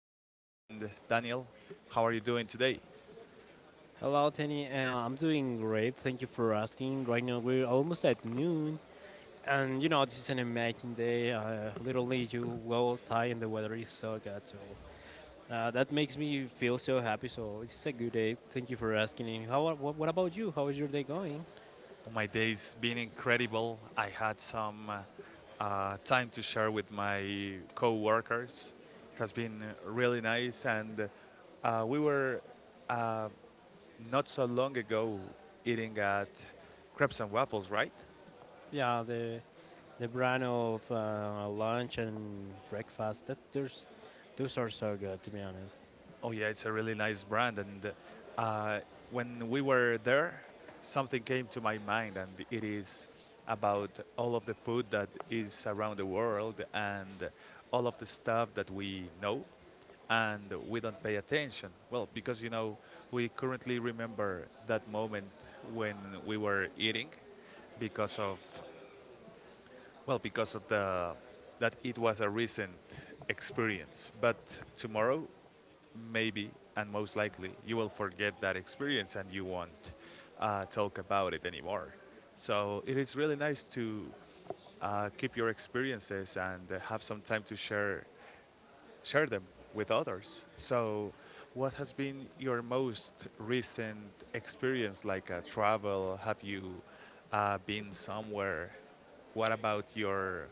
with my friend Daniel. How are you doing today? Hello, Tenny. I'm doing great. Thank you for asking. Right now, we're almost at noon. And you know, this is an amazing day. Literally, you go outside and the weather is so good. So that makes me feel so happy. So it's a good day. Thank you for asking. And how? What about you? How is your day going? Oh, my day's been incredible. I had some time to share with my co workers. It has been really nice, and we were not so long ago eating at crepes and waffles, right? Yeah, the brand of lunch and breakfast. That there's those are so good, to be honest. Oh yeah, it's a really nice brand, and uh, when we were there, something came to my mind, and it is about all of the food that is around the world and all of the stuff that we know and we don't pay attention. Well, because we currently remember that moment when we were eating because of well, because of the that it was a recent experience, but tomorrow, maybe and most likely, you will forget that experience and you won't talk about it anymore. So it is really nice to keep your experiences and have some time to share them with others. So, what has been your most recent experience, like a travel? Have you been somewhere? What about your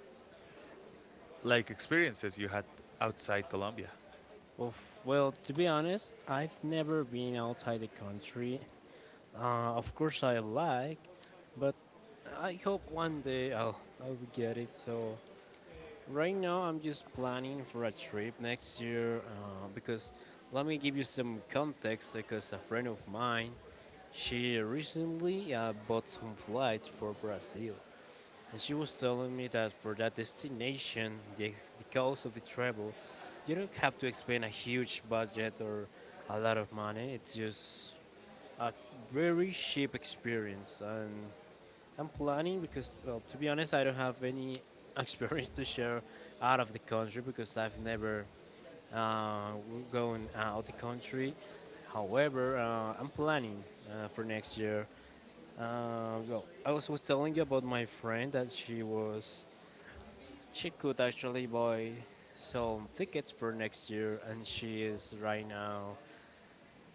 like experiences you had outside Colombia? Oof, well, to be honest, I've never been outside the country. Of course, I like, but I hope one day I'll get it. So, right now, I'm just planning for a trip next year because let me give you some context because a friend of mine, she recently bought some flights for Brazil. And she was telling me that for that destination, the cost of the travel, you don't have to expend a huge budget or a lot of money. It's just a very cheap experience, and I'm planning because, well, to be honest, I don't have any experience to share out of the country because I've never uh, gone out the country. However, I'm planning for next year. Well, I was telling you about my friend that she could actually buy some tickets for next year, and she is right now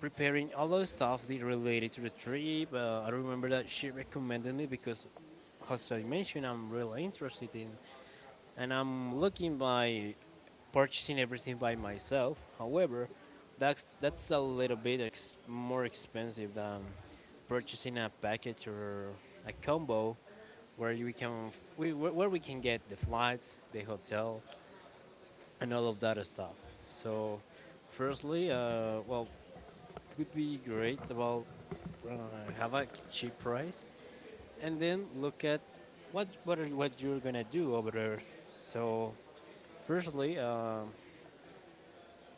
preparing all the stuff that related to the trip. I remember that she recommended me because, as I mentioned, I'm really interested in, and I'm looking by purchasing everything by myself. However, that's a little bit more expensive than purchasing a package or a combo where you can f- we, where we can get the flights, the hotel, and all of that stuff. So, firstly, well, it would be great about uh, have a cheap price, and then look at what you're gonna do over there. So, firstly, um,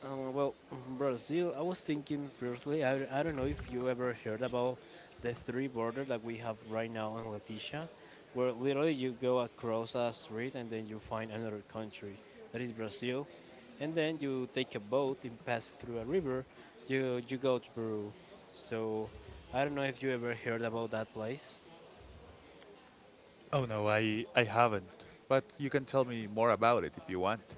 uh, well, Brazil, I was thinking firstly, I don't know if you ever heard about the three border that we have right now in Leticia, where literally you go across a street and then you find another country, that is Brazil, and then you take a boat and pass through a river, you go to Peru. So I don't know if you ever heard about that place. Oh no, I haven't. But you can tell me more about it if you want.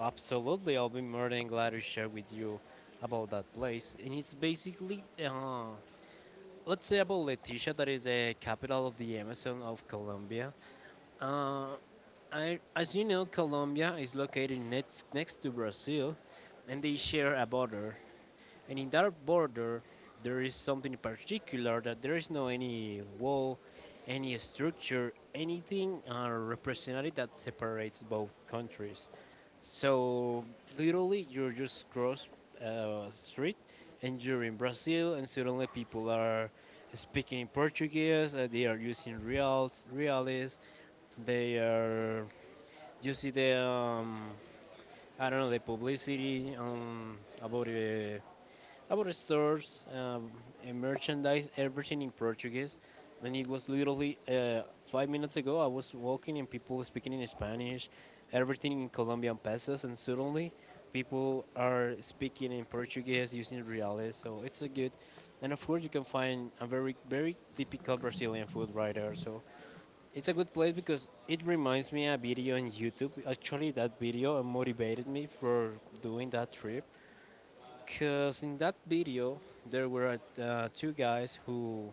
Absolutely, I'll be more than glad to share with you about that place. And it's basically let's say about Leticia, that is the capital of the Amazon of Colombia. Uh, as you know, Colombia is located next to Brazil, and they share a border. And in that border, there is something particular that there is no any wall, any structure, anything representative that separates both countries. So literally, you're just cross street, and you're in Brazil, and suddenly people are speaking in Portuguese. They are using reals, reales. They are. You see the I don't know the publicity about stores, and merchandise, everything in Portuguese. And it was literally 5 minutes ago. I was walking and people were speaking in Spanish, everything in Colombian pesos, and suddenly people are speaking in Portuguese using reales. So it's a good, and of course you can find a very very typical Brazilian food right there. So it's a good place because it reminds me of a video on YouTube. Actually, that video motivated me for doing that trip because in that video, there were two guys who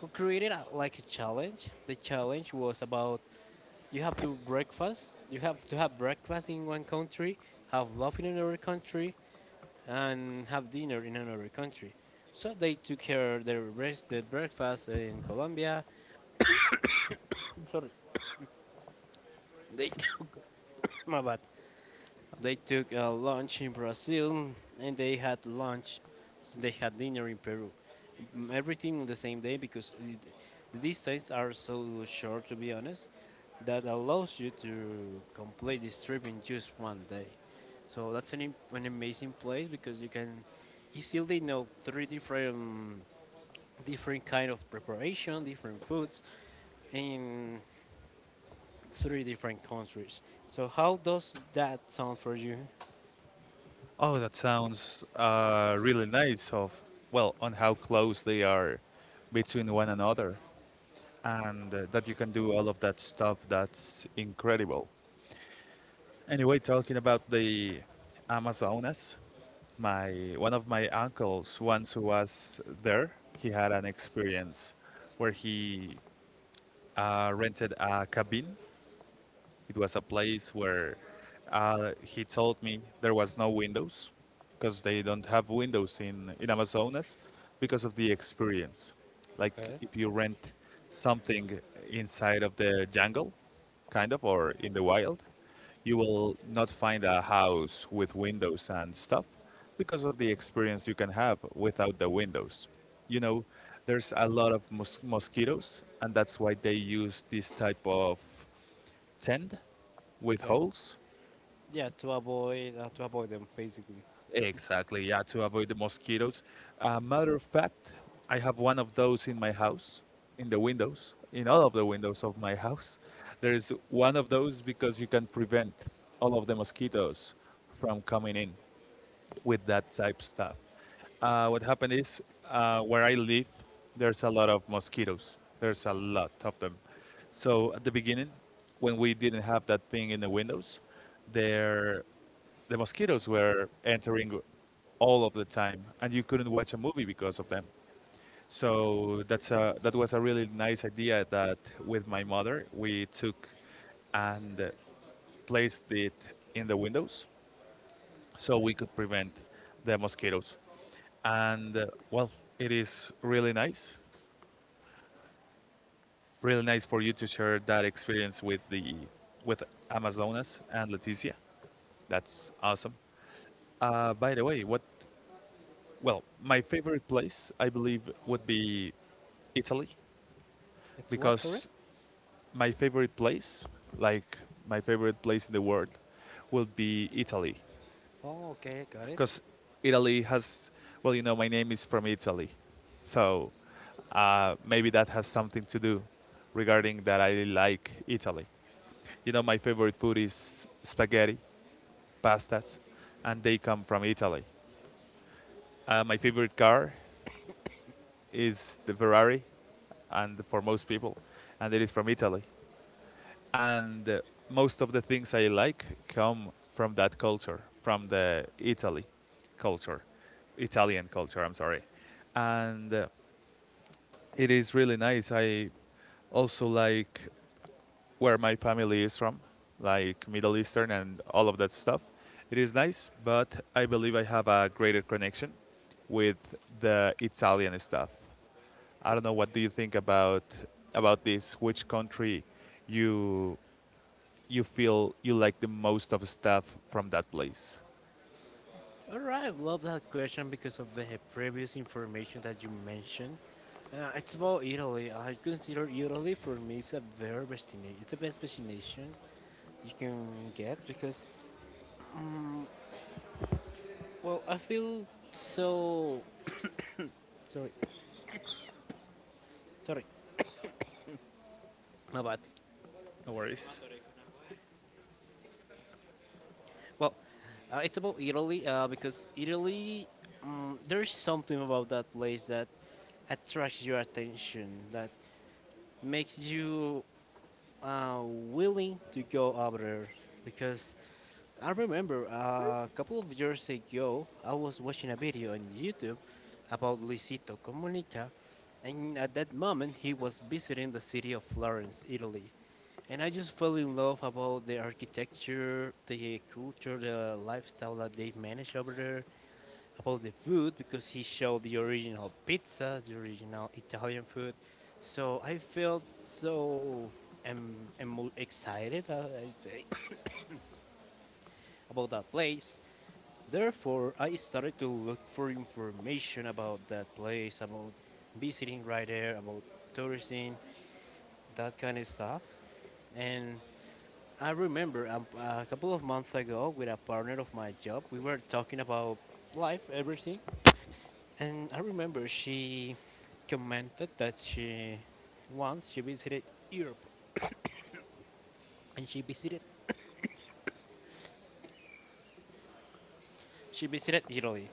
who created a, like a challenge. The challenge was about you have to have breakfast in one country, have love in another country, and have dinner in another country. So they took care of their, their breakfast in Colombia. They my bad. They took a lunch in Brazil and they had lunch, so they had dinner in Peru. Mm, everything on the same day because the distances are so short, to be honest, that allows you to complete this trip in just 1 day. So that's an, an amazing place because you can easily know three different kind of preparation, different foods in three different countries. So how does that sound for you? Oh, that sounds really nice. Of well, on how close they are between one another, and that you can do all of that stuff. That's incredible. Anyway, talking about the Amazonas, my one of my uncles once who was there he had an experience where he rented a cabin. It was a place where he told me there was no windows because they don't have windows in Amazonas because of the experience. Like Okay. if you rent something inside of the jungle, kind of, or in the wild, you will not find a house with windows and stuff because of the experience you can have without the windows. You know, there's a lot of mosquitoes, and that's why they use this type of tent with Okay. holes. Yeah, to avoid them basically. Exactly, yeah, to avoid the mosquitoes. Matter of fact, I have one of those in my house, in the windows, in all of the windows of my house. There is one of those because you can prevent all of the mosquitoes from coming in with that type of stuff. What happened is where I live, there's a lot of mosquitoes. There's a lot of them. So at the beginning, when we didn't have that thing in the windows, there the mosquitoes were entering all of the time, and you couldn't watch a movie because of them. So that's a, that was a really nice idea that with my mother we took and placed it in the windows so we could prevent the mosquitoes, and well, it is really nice for you to share that experience with the with Amazonas and Leticia. That's awesome. By the way, what, well, my favorite place I believe would be Italy, It's what, sorry? because my favorite place, like my favorite place in the world will be Italy, Oh, okay, got it. because Italy has, well, you know, my name is from Italy. So maybe that has something to do regarding that I like Italy. You know, my favorite food is spaghetti, pastas, and they come from Italy. My favorite car is the Ferrari, and for most people, and it is from Italy. And most of the things I like come from that culture, from the Italy culture, Italian culture. I'm sorry, and it is really nice. I also like where my family is from, like Middle Eastern and all of that stuff. It is nice, but I believe I have a greater connection with the Italian stuff. I don't know what do you think about this. Which country you you feel you like the most of stuff from that place? All right, love that question because of the previous information that you mentioned. It's about Italy. I consider Italy for me is a very destination. It's the best destination you can get because, um, well, I feel so sorry, sorry, my bad. No worries. Well, it's about Italy because Italy, there's something about that place that attracts your attention, that makes you willing to go over there. Because I remember a couple of years ago, I was watching a video on YouTube about Luisito Comunica, and at that moment, he was visiting the city of Florence, Italy. And I just fell in love about the architecture, the culture, the lifestyle that they manage over there, about the food because he showed the original pizzas, the original Italian food. So I felt so emo excited, I say, about that place. Therefore, I started to look for information about that place, about visiting right there, about tourism, that kind of stuff. And I remember a couple of months ago with a partner of my job, we were talking about life, everything, and I remember she commented that she once she visited Europe and she visited Italy.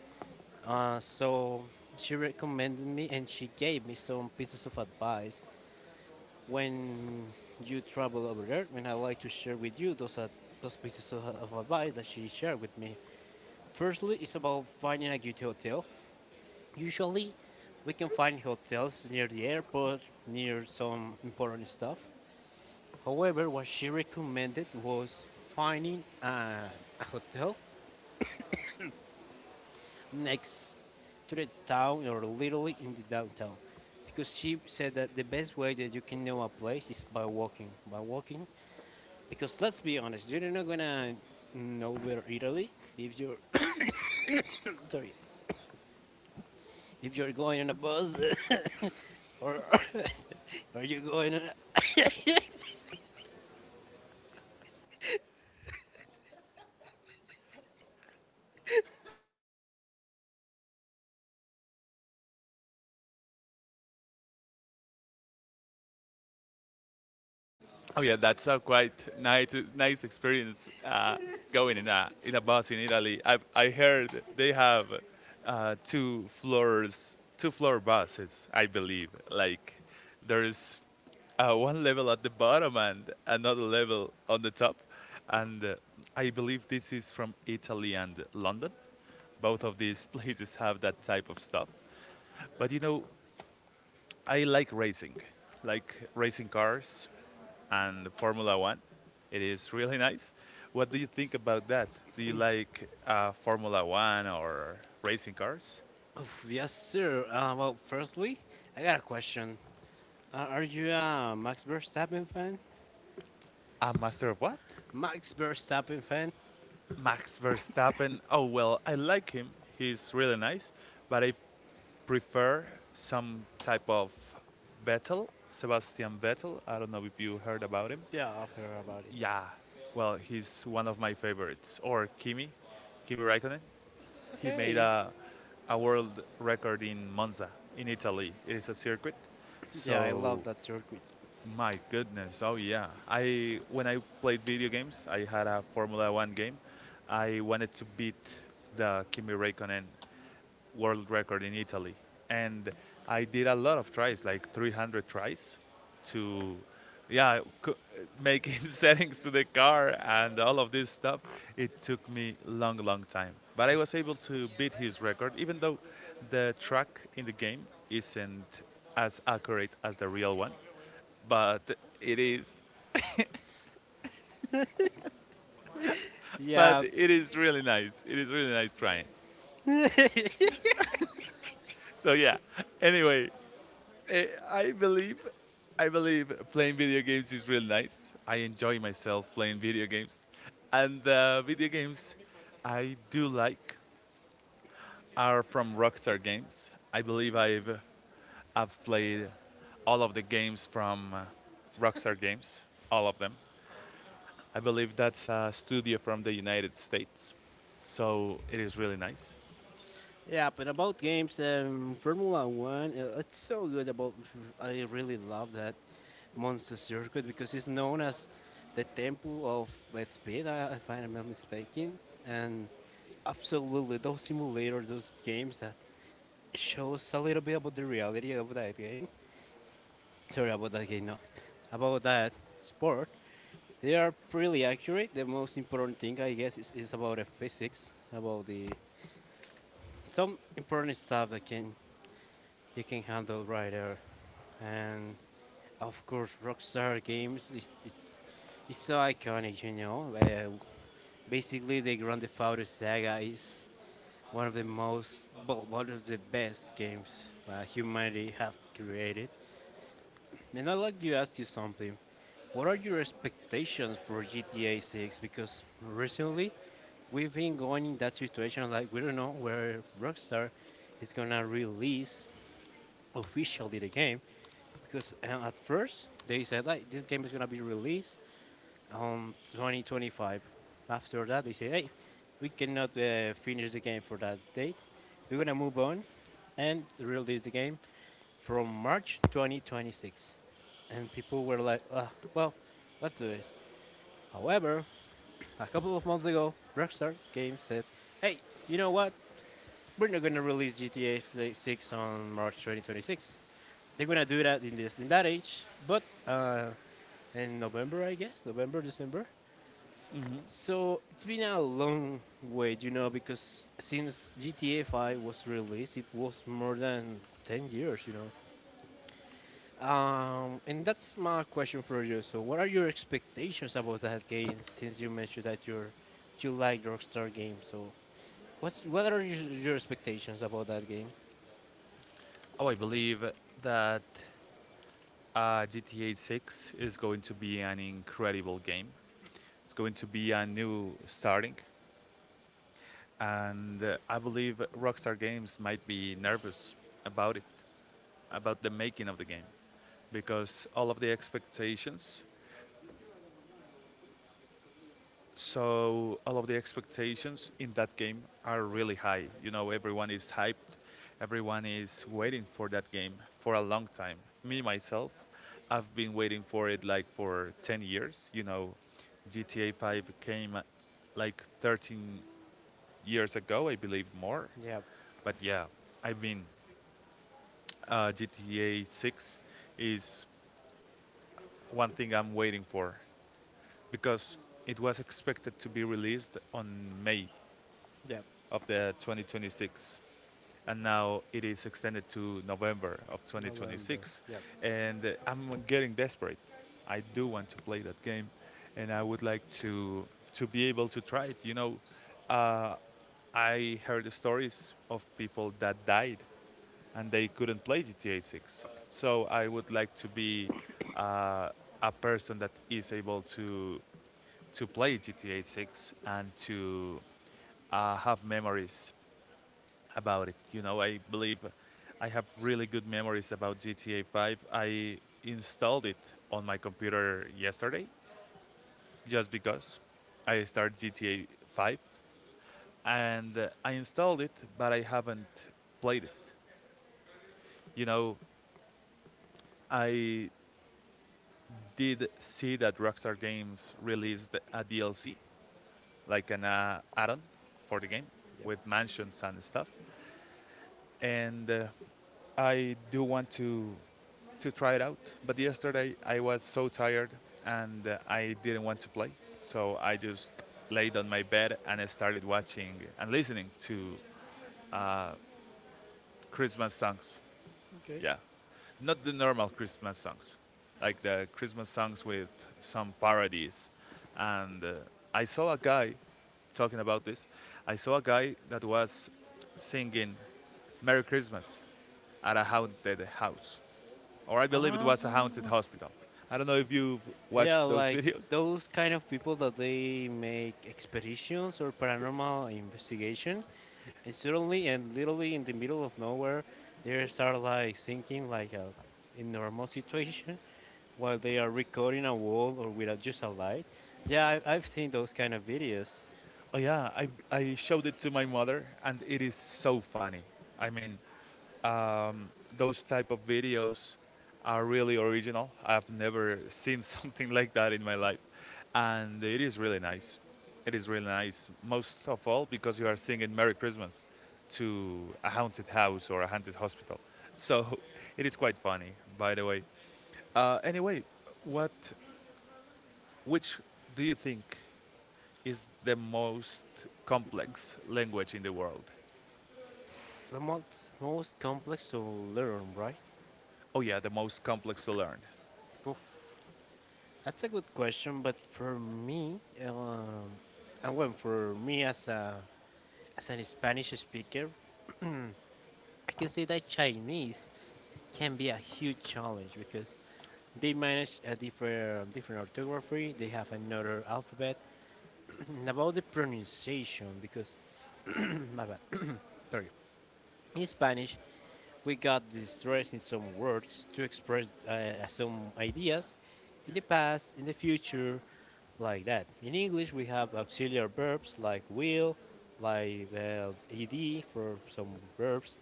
So she recommended me and she gave me some pieces of advice when you travel over there, and I like to share with you those pieces of advice that she shared with me. Firstly, it's about finding a good hotel. Usually, we can find hotels near the airport, near some important stuff. However, what she recommended was finding a hotel next to the town or literally in the downtown. Because she said that the best way that you can know a place is by walking. By walking, because let's be honest, you're not gonna know where Italy if you're sorry if you're going on a bus or are you going on a Oh yeah, that's a quite nice experience going in a bus in Italy. I heard they have two floors two floor buses, I believe. Like there's one level at the bottom and another level on the top, and I believe this is from Italy and London. Both of these places have that type of stuff. But you know, I like racing cars and Formula One. It is really nice. What do you think about that? Do you like Formula One or racing cars? Oof, yes, sir. Well, firstly, I got a question. Are you a Max Verstappen fan? A master of what? Max Verstappen fan? Max Verstappen. Oh, well, I like him. He's really nice, but I prefer some type of Vettel, Sebastian Vettel. I don't know if you heard about him. Yeah, I've heard about it. Yeah, well, he's one of my favorites. Or Kimi, Kimi Raikkonen. He made Okay. A world record in Monza, in Italy. It is a circuit. Yeah, I So, love that circuit. my goodness. Oh, yeah. I When I played video games, I had a Formula One game. I wanted to beat the Kimi Räikkönen world record in Italy. And I did a lot of tries, like 300 tries to yeah making settings to the car and all of this stuff. It took me long time, but I was able to beat his record even though the track in the game isn't as accurate as the real one. But it is, but Yeah, it is really nice. It is really nice trying. So yeah, anyway, Eh, I believe, I believe playing video games is really nice. I enjoy myself playing video games, and the video games I do like are from Rockstar Games. I believe I've played all of the games from Rockstar Games, all of them. I believe that's a studio from the United States, so it is really nice. yeah. But about games and Formula One, it's so good. About I really love that Monza circuit because it's known as the temple of speed. I find I'm not mistaken. And absolutely, those simulators, those games that shows a little bit about the reality of that game. Sorry about that game, no. About that sport. They are pretty accurate. The most important thing, I guess, is about the physics, about the some important stuff that can you can handle right there. And of course, Rockstar Games, it's so iconic, you know. Basically, the Grand Theft Auto saga is one of the most, well, one of the best games humanity have created. And I'd like to ask you something. What are your expectations for GTA 6? Because recently we've been going in that situation like we don't know where Rockstar is gonna release officially the game. Because at first they said like this game is gonna be released on 2025. After that they say hey, we cannot finish the game for that date. We're gonna move on and release the game from March 2026. And people were like, ah, well, let's do this. However, a couple of months ago, Rockstar Games said, "Hey, you know what? We're not going to release 6 on March 2026. They're going to do that in this in that age, but in November, I guess, November, December. Mm-hmm. So it's been a long wait, you know, because since GTA 5 was released, it was more than 10 years, you know. And that's my question for you. So, what are your expectations about that game? Since you mentioned that you like Rockstar games, so what are your expectations about that game? Oh, I believe that GTA 6 is going to be an incredible game. It's going to be a new starting, and I believe Rockstar Games might be nervous about it, about the making of the game, because all of the expectations. So all of the expectations in that game are really high. You know, everyone is hyped, everyone is waiting for that game for a long time. Me myself, I've been waiting for it like for 10 years. You know, GTA 5 came like 13 years ago, I believe more. Yep, But yeah, I mean, GTA 6 is one thing I'm waiting for because it was expected to be released on May yep. of the 2026 and now it is extended to November of November. 2026 Yep, and I'm getting desperate. I do want to play that game and I would like to be able to try it, you know. Uh, I heard stories of people that died and they couldn't play GTA 6. So I would like to be uh, a person that is able to play GTA 6 and to have memories about it. You know, I believe I have really good memories about GTA 5. I installed it on my computer yesterday just because I started GTA 5 and I installed it, but I haven't played it. You know, I did see that Rockstar Games released a DLC, like an add-on for the game yep. with mansions and stuff, and I do want to try it out. But yesterday I was so tired and I didn't want to play, so I just laid on my bed and I started watching and listening to Christmas songs. Okay. Yeah, not the normal Christmas songs, like the Christmas songs with some parodies. And I saw a guy talking about this. I saw a guy that was singing "Merry Christmas" at a haunted house, or I believe it Ah, was a haunted hospital. I don't know if you've yeah, watched those like videos. those kind of people that they make expeditions or paranormal investigation, and suddenly and literally in the middle of nowhere, they start like thinking like a in normal situation while they are recording a wall or without just a light. Yeah, I've seen those kind of videos. Oh yeah, I showed it to my mother, and it is so funny. I mean, those type of videos are really original. I've never seen something like that in my life, and it is really nice. It is really nice, most of all because you are singing "Merry Christmas" to a haunted house or a haunted hospital. So it is quite funny, by the way. Anyway, what, which do you think is the most complex language in the world? It's the most complex to learn, right? Oh yeah, the most complex to learn. Poof. That's a good question, but for me, um, and when for me as a as an Spanish speaker, I can say that Chinese can be a huge challenge because they manage a different orthography. They have another alphabet. And about the pronunciation, because my bad, sorry. In Spanish, we got the stress in some words to express some ideas in the past, in the future, like that. In English, we have auxiliary verbs like will, like ed for some verbs.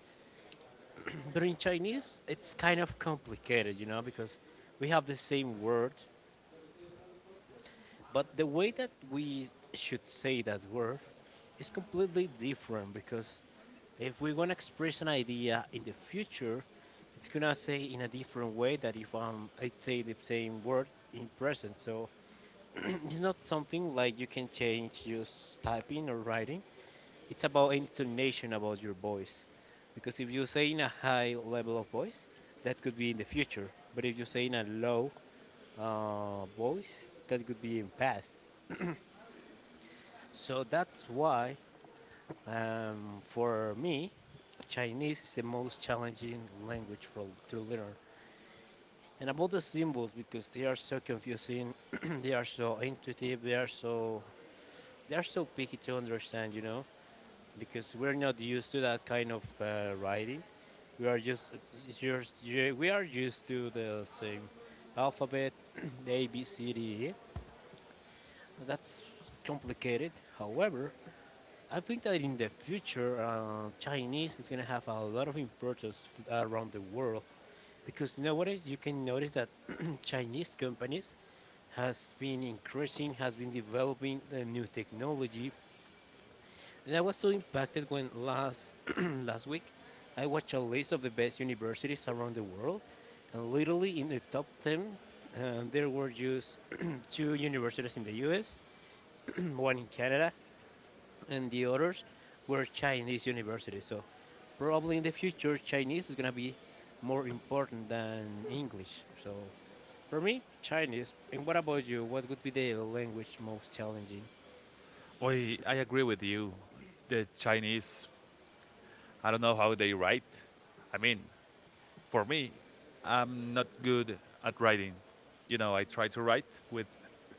But in Chinese, it's kind of complicated, because we have the same word, but the way that we should say that word is completely different because if we want to express an idea in the future, it's gonna say in a different way that if I say the same word in present. So it's not something like you can change just typing or writing. It's about intonation about your voice. Because if you say in a high level of voice, that could be in the future. But if you say in a low voice, that could be in past. So that's why, for me, Chinese is the most challenging language for, to learn. And about the symbols, because they are so confusing, they are so intuitive, they are so picky to understand, because we're not used to that kind of writing. We are just you we are used to the same alphabet, A, B, C, D, E. That's complicated. However, I think that in the future, Chinese is going to have a lot of importance around the world because nowadays you can notice that Chinese companies has been increasing, has been developing the new technology. And I was so impacted when last last week I watched a list of the best universities around the world, and literally in the top ten, there were just two universities in the U.S., one in Canada, and the others were Chinese universities. So probably in the future, Chinese is gonna be more important than English. So for me, Chinese. And what about you? What would be the language most challenging? Boy, I agree with you. The Chinese I don't know how they write. I mean, for me, I'm not good at writing. You know, I try to write with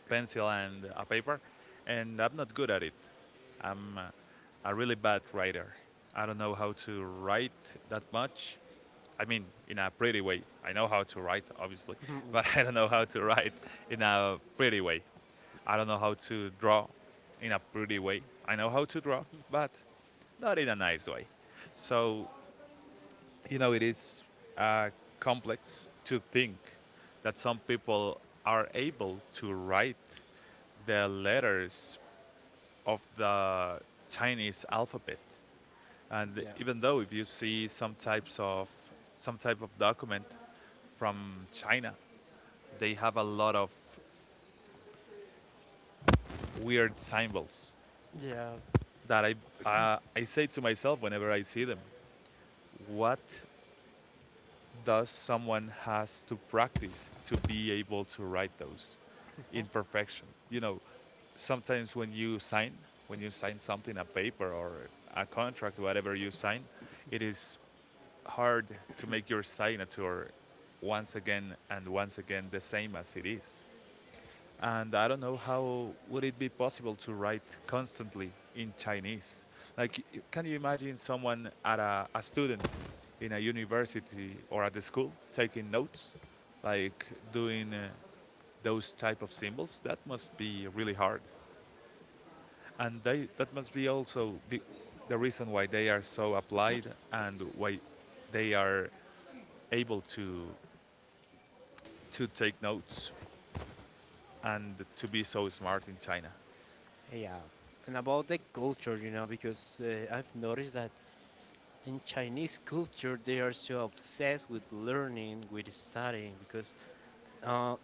pencil and a paper, and I'm not good at it. I'm a really bad writer. I don't know how to write that much. I mean, in a pretty way. I know how to write, obviously, but Okay. I don't know how to write in a pretty way. I don't know how to draw in a pretty way. I know how to draw, but not in a nice way. So you know, it is uh, complex to think that some people are able to write the letters of the Chinese alphabet. And Yeah. even though if you see some type of document from China, they have a lot of weird symbols Yeah, that I say to myself whenever I see them, what? Thus, someone has to practice to be able to write those in perfection? You know, sometimes when you sign something, a paper or a contract, whatever you sign, it is hard to make your signature once again and once again the same as it is, and I don't know how would it be possible to write constantly in Chinese. Like, can you imagine someone at a student in a university or at the school taking notes, like doing those type of symbols? That must be really hard, and that must be also be the reason why they are so applied and why they are able to take notes and to be so smart in China. yeah, and about the culture, you know, because I've noticed that in Chinese culture they are so obsessed with learning, with studying, because uh,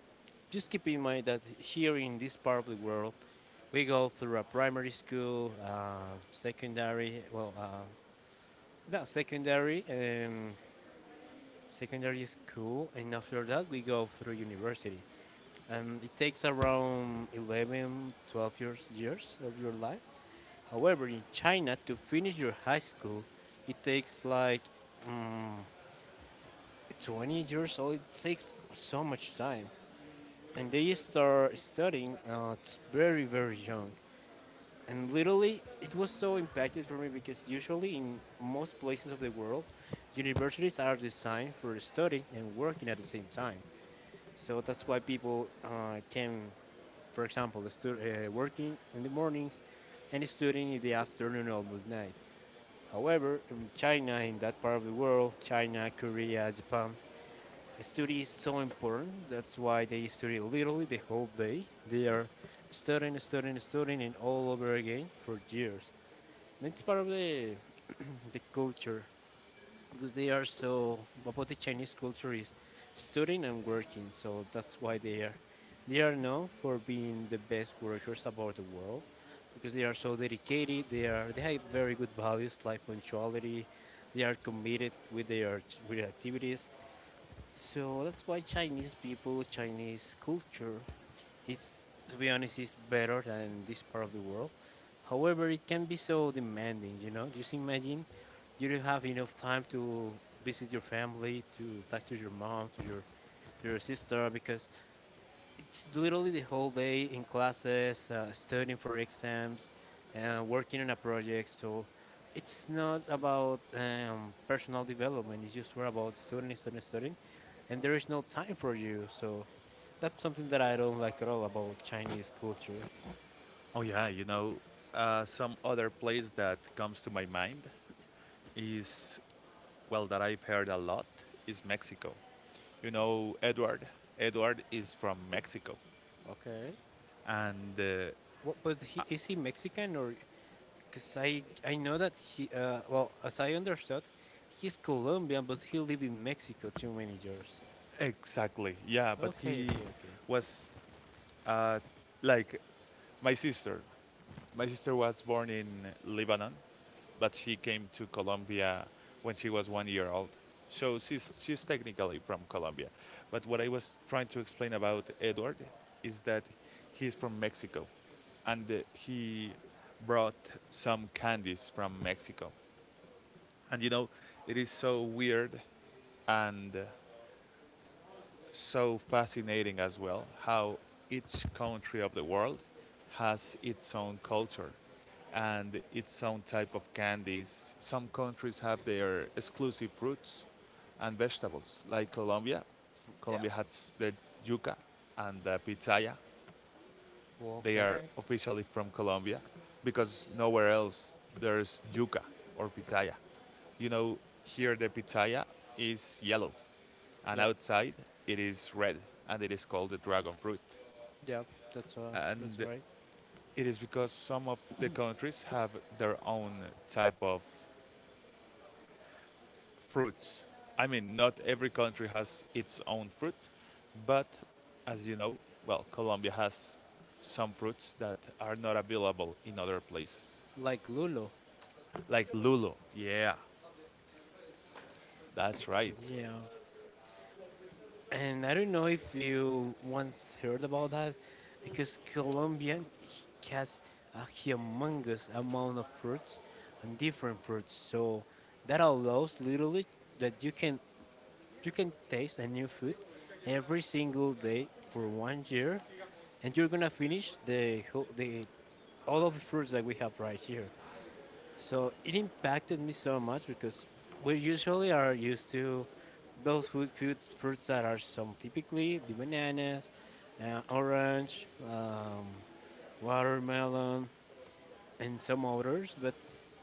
just keep in mind that here in this part of the world, we go through a primary school, secondary, well, yeah, secondary, secondary school, and after that we go through university, and it takes around 11, 12 years of your life. However, in China, to finish your high school, it takes like mm 20 years old. It takes so much time, and they start studying very young. And literally, it was so impacted for me because usually in most places of the world, universities are designed for studying and working at the same time. So that's why people can, for example, working in the mornings and studying in the afternoon almost night. However, in China, in that part of the world, China, Korea, Japan, study is so important. That's why they study literally the whole day. They are studying, studying, studying, and all over again for years. And it's part of the culture because they are so about the Chinese culture is studying and working. So that's why they are known for being the best workers about the world because they are so dedicated. They have very good values like punctuality. They are committed with their activities. So that's why Chinese people, Chinese culture it's, to be honest, it's better than this part of the world. However, it can be so demanding, you know. Just imagine you don't have enough time to visit your family, to talk to your mom, to your sister, because it's literally the whole day in classes, studying for exams, and working on a project. So it's not about personal development. It's just more about studying, studying, studying, and there is no time for you. So that's something that I don't like at all about Chinese culture. Oh yeah, you know, some other place that comes to my mind is, well, that I've heard a lot, is Mexico. You know, Edward. Edward is from Mexico, Okay. and What, but he, is he Mexican or? Because I know that he well as I understood, he's Colombian, but he live in Mexico too many years. exactly, yeah. But Okay, he okay, okay. was uh, like my sister. My sister was born in Lebanon, but she came to Colombia when she was 1 year old. So she's technically from Colombia. But what I was trying to explain about Edward is that he's from Mexico and he brought some candies from Mexico. And you know, it is so weird and so fascinating as well how each country of the world has its own culture and its own type of candies. Some countries have their exclusive fruits and vegetables, like Colombia. Yeah. Colombia has the yuca and the pitaya. They are Okay. officially from Colombia because nowhere else there's yuca or pitaya. You know, here the pitaya is yellow and Yep. outside it is red and it is called the dragon fruit, Yep. That's uh, that's and right. it is because some of the countries have their own type of fruits. I mean, not every country has its own fruit, but as you know, well, Colombia has some fruits that are not available in other places, Like Lulo. like lulo, yeah, that's right. Yeah, and I don't know if you once heard about that, because has a humongous amount of fruits and different fruits, so that allows literally that you can taste a new food every single day for one year, and you're gonna finish the whole the all of the fruits that we have right here. So it impacted me so much because we usually are used to those food fruits that are some typically the bananas, orange, watermelon, and some others. But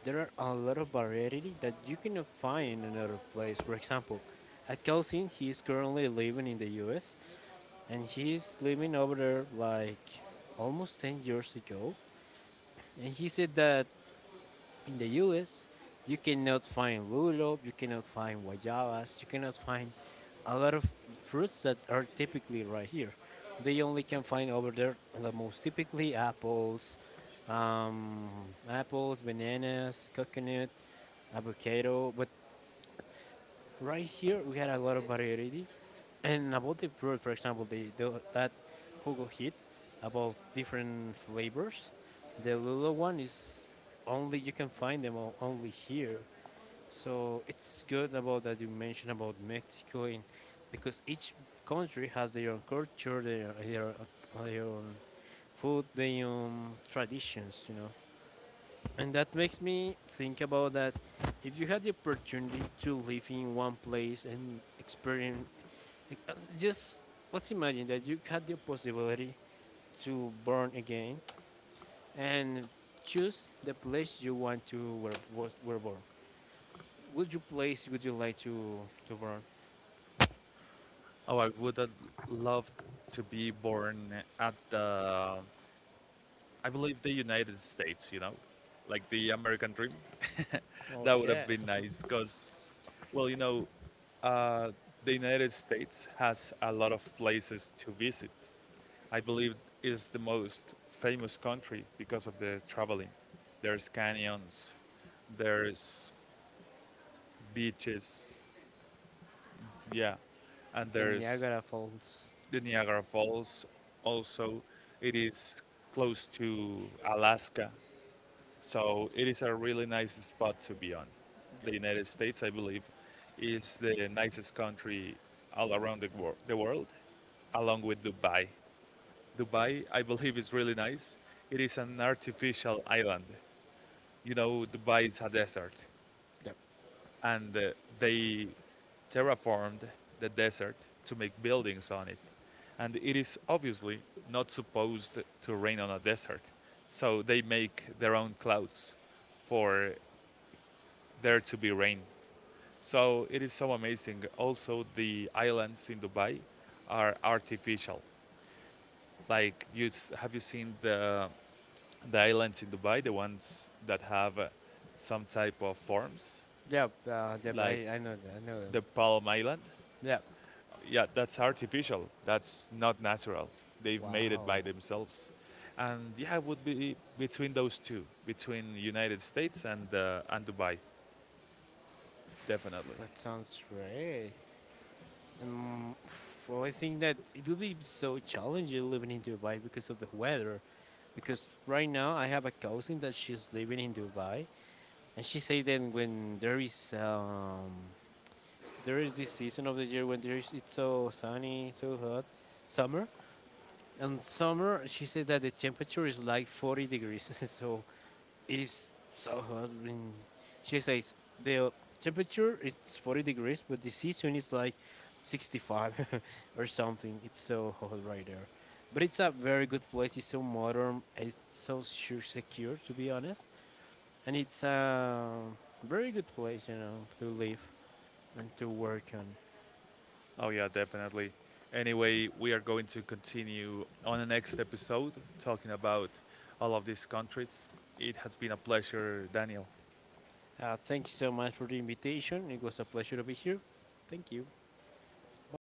there are a lot of variety that you cannot find in another place. For example, a cousin he is currently living in the U.S. and he's living over there like almost 10 years ago, and he said that in the U.S., you cannot find lulo, you cannot find guayabas, you cannot find a lot of fruits that are typically right here. They only can find over there the most typically apples, um, bananas, coconut, avocado. But right here, we had a lot of variety. And about the fruit, for example, the that Hugo hit about different flavors. The Lula one is only you can find them only here. So it's good about that you mentioned about Mexico, in, because each country has their own culture, their own food, their own traditions, you know. And that makes me think about that. If you had the opportunity to live in one place and experience, uh, just let's imagine that you had the possibility to born again and choose the place you want to were born. Which place would you like to born? Oh, I would have loved to be born at the, I believe, the United States, you know, like the American dream. That would have Okay. been nice because, well, you know, uh, the United States has a lot of places to visit. I believe is the most famous country because of the traveling. There's canyons, there's beaches, yeah, and The there's Niagara Falls. the Niagara Falls. Also, it is close to Alaska, so it is a really nice spot to be on. The Yep. United States, I believe, is the nicest country all around the world, along with Dubai. Dubai, I believe, is really nice. It is an artificial island. You know, Dubai is a desert, Yep. and they terraformed the desert to make buildings on it. And it is obviously not supposed to rain on a desert, so they make their own clouds for there to be rain. So it is so amazing. Also, the islands in Dubai are artificial. Like, you have you seen the islands in Dubai, the ones that have some type of forms, Yep. Yep. like I know that. I know them. the Palm Island? Yep. Yeah, that's artificial. That's not natural. They've made it Wow. by themselves. And yeah, it would be between those two, between United States and and Dubai, definitely. Pff, that sounds great. Pff, well, I think that it would be so challenging living in Dubai because of the weather. Because right now I have a cousin that she's living in Dubai, and she says that when there is this season of the year when there is it's so sunny, so hot, summer in summer, she says that the temperature is like 40 degrees, so it is so hot. And she says the temperature is 40 degrees, but the season is like 65 or something. It's so hot right there. But it's a very good place. It's so modern. It's so secure, to be honest. And it's a very good place, you know, to live and to work on. Oh yeah, definitely. Anyway, we are going to continue on the next episode talking about all of these countries. It has been a pleasure, Daniel. Thank you so much for the invitation. It was a pleasure to be here. Thank you. Bye bye.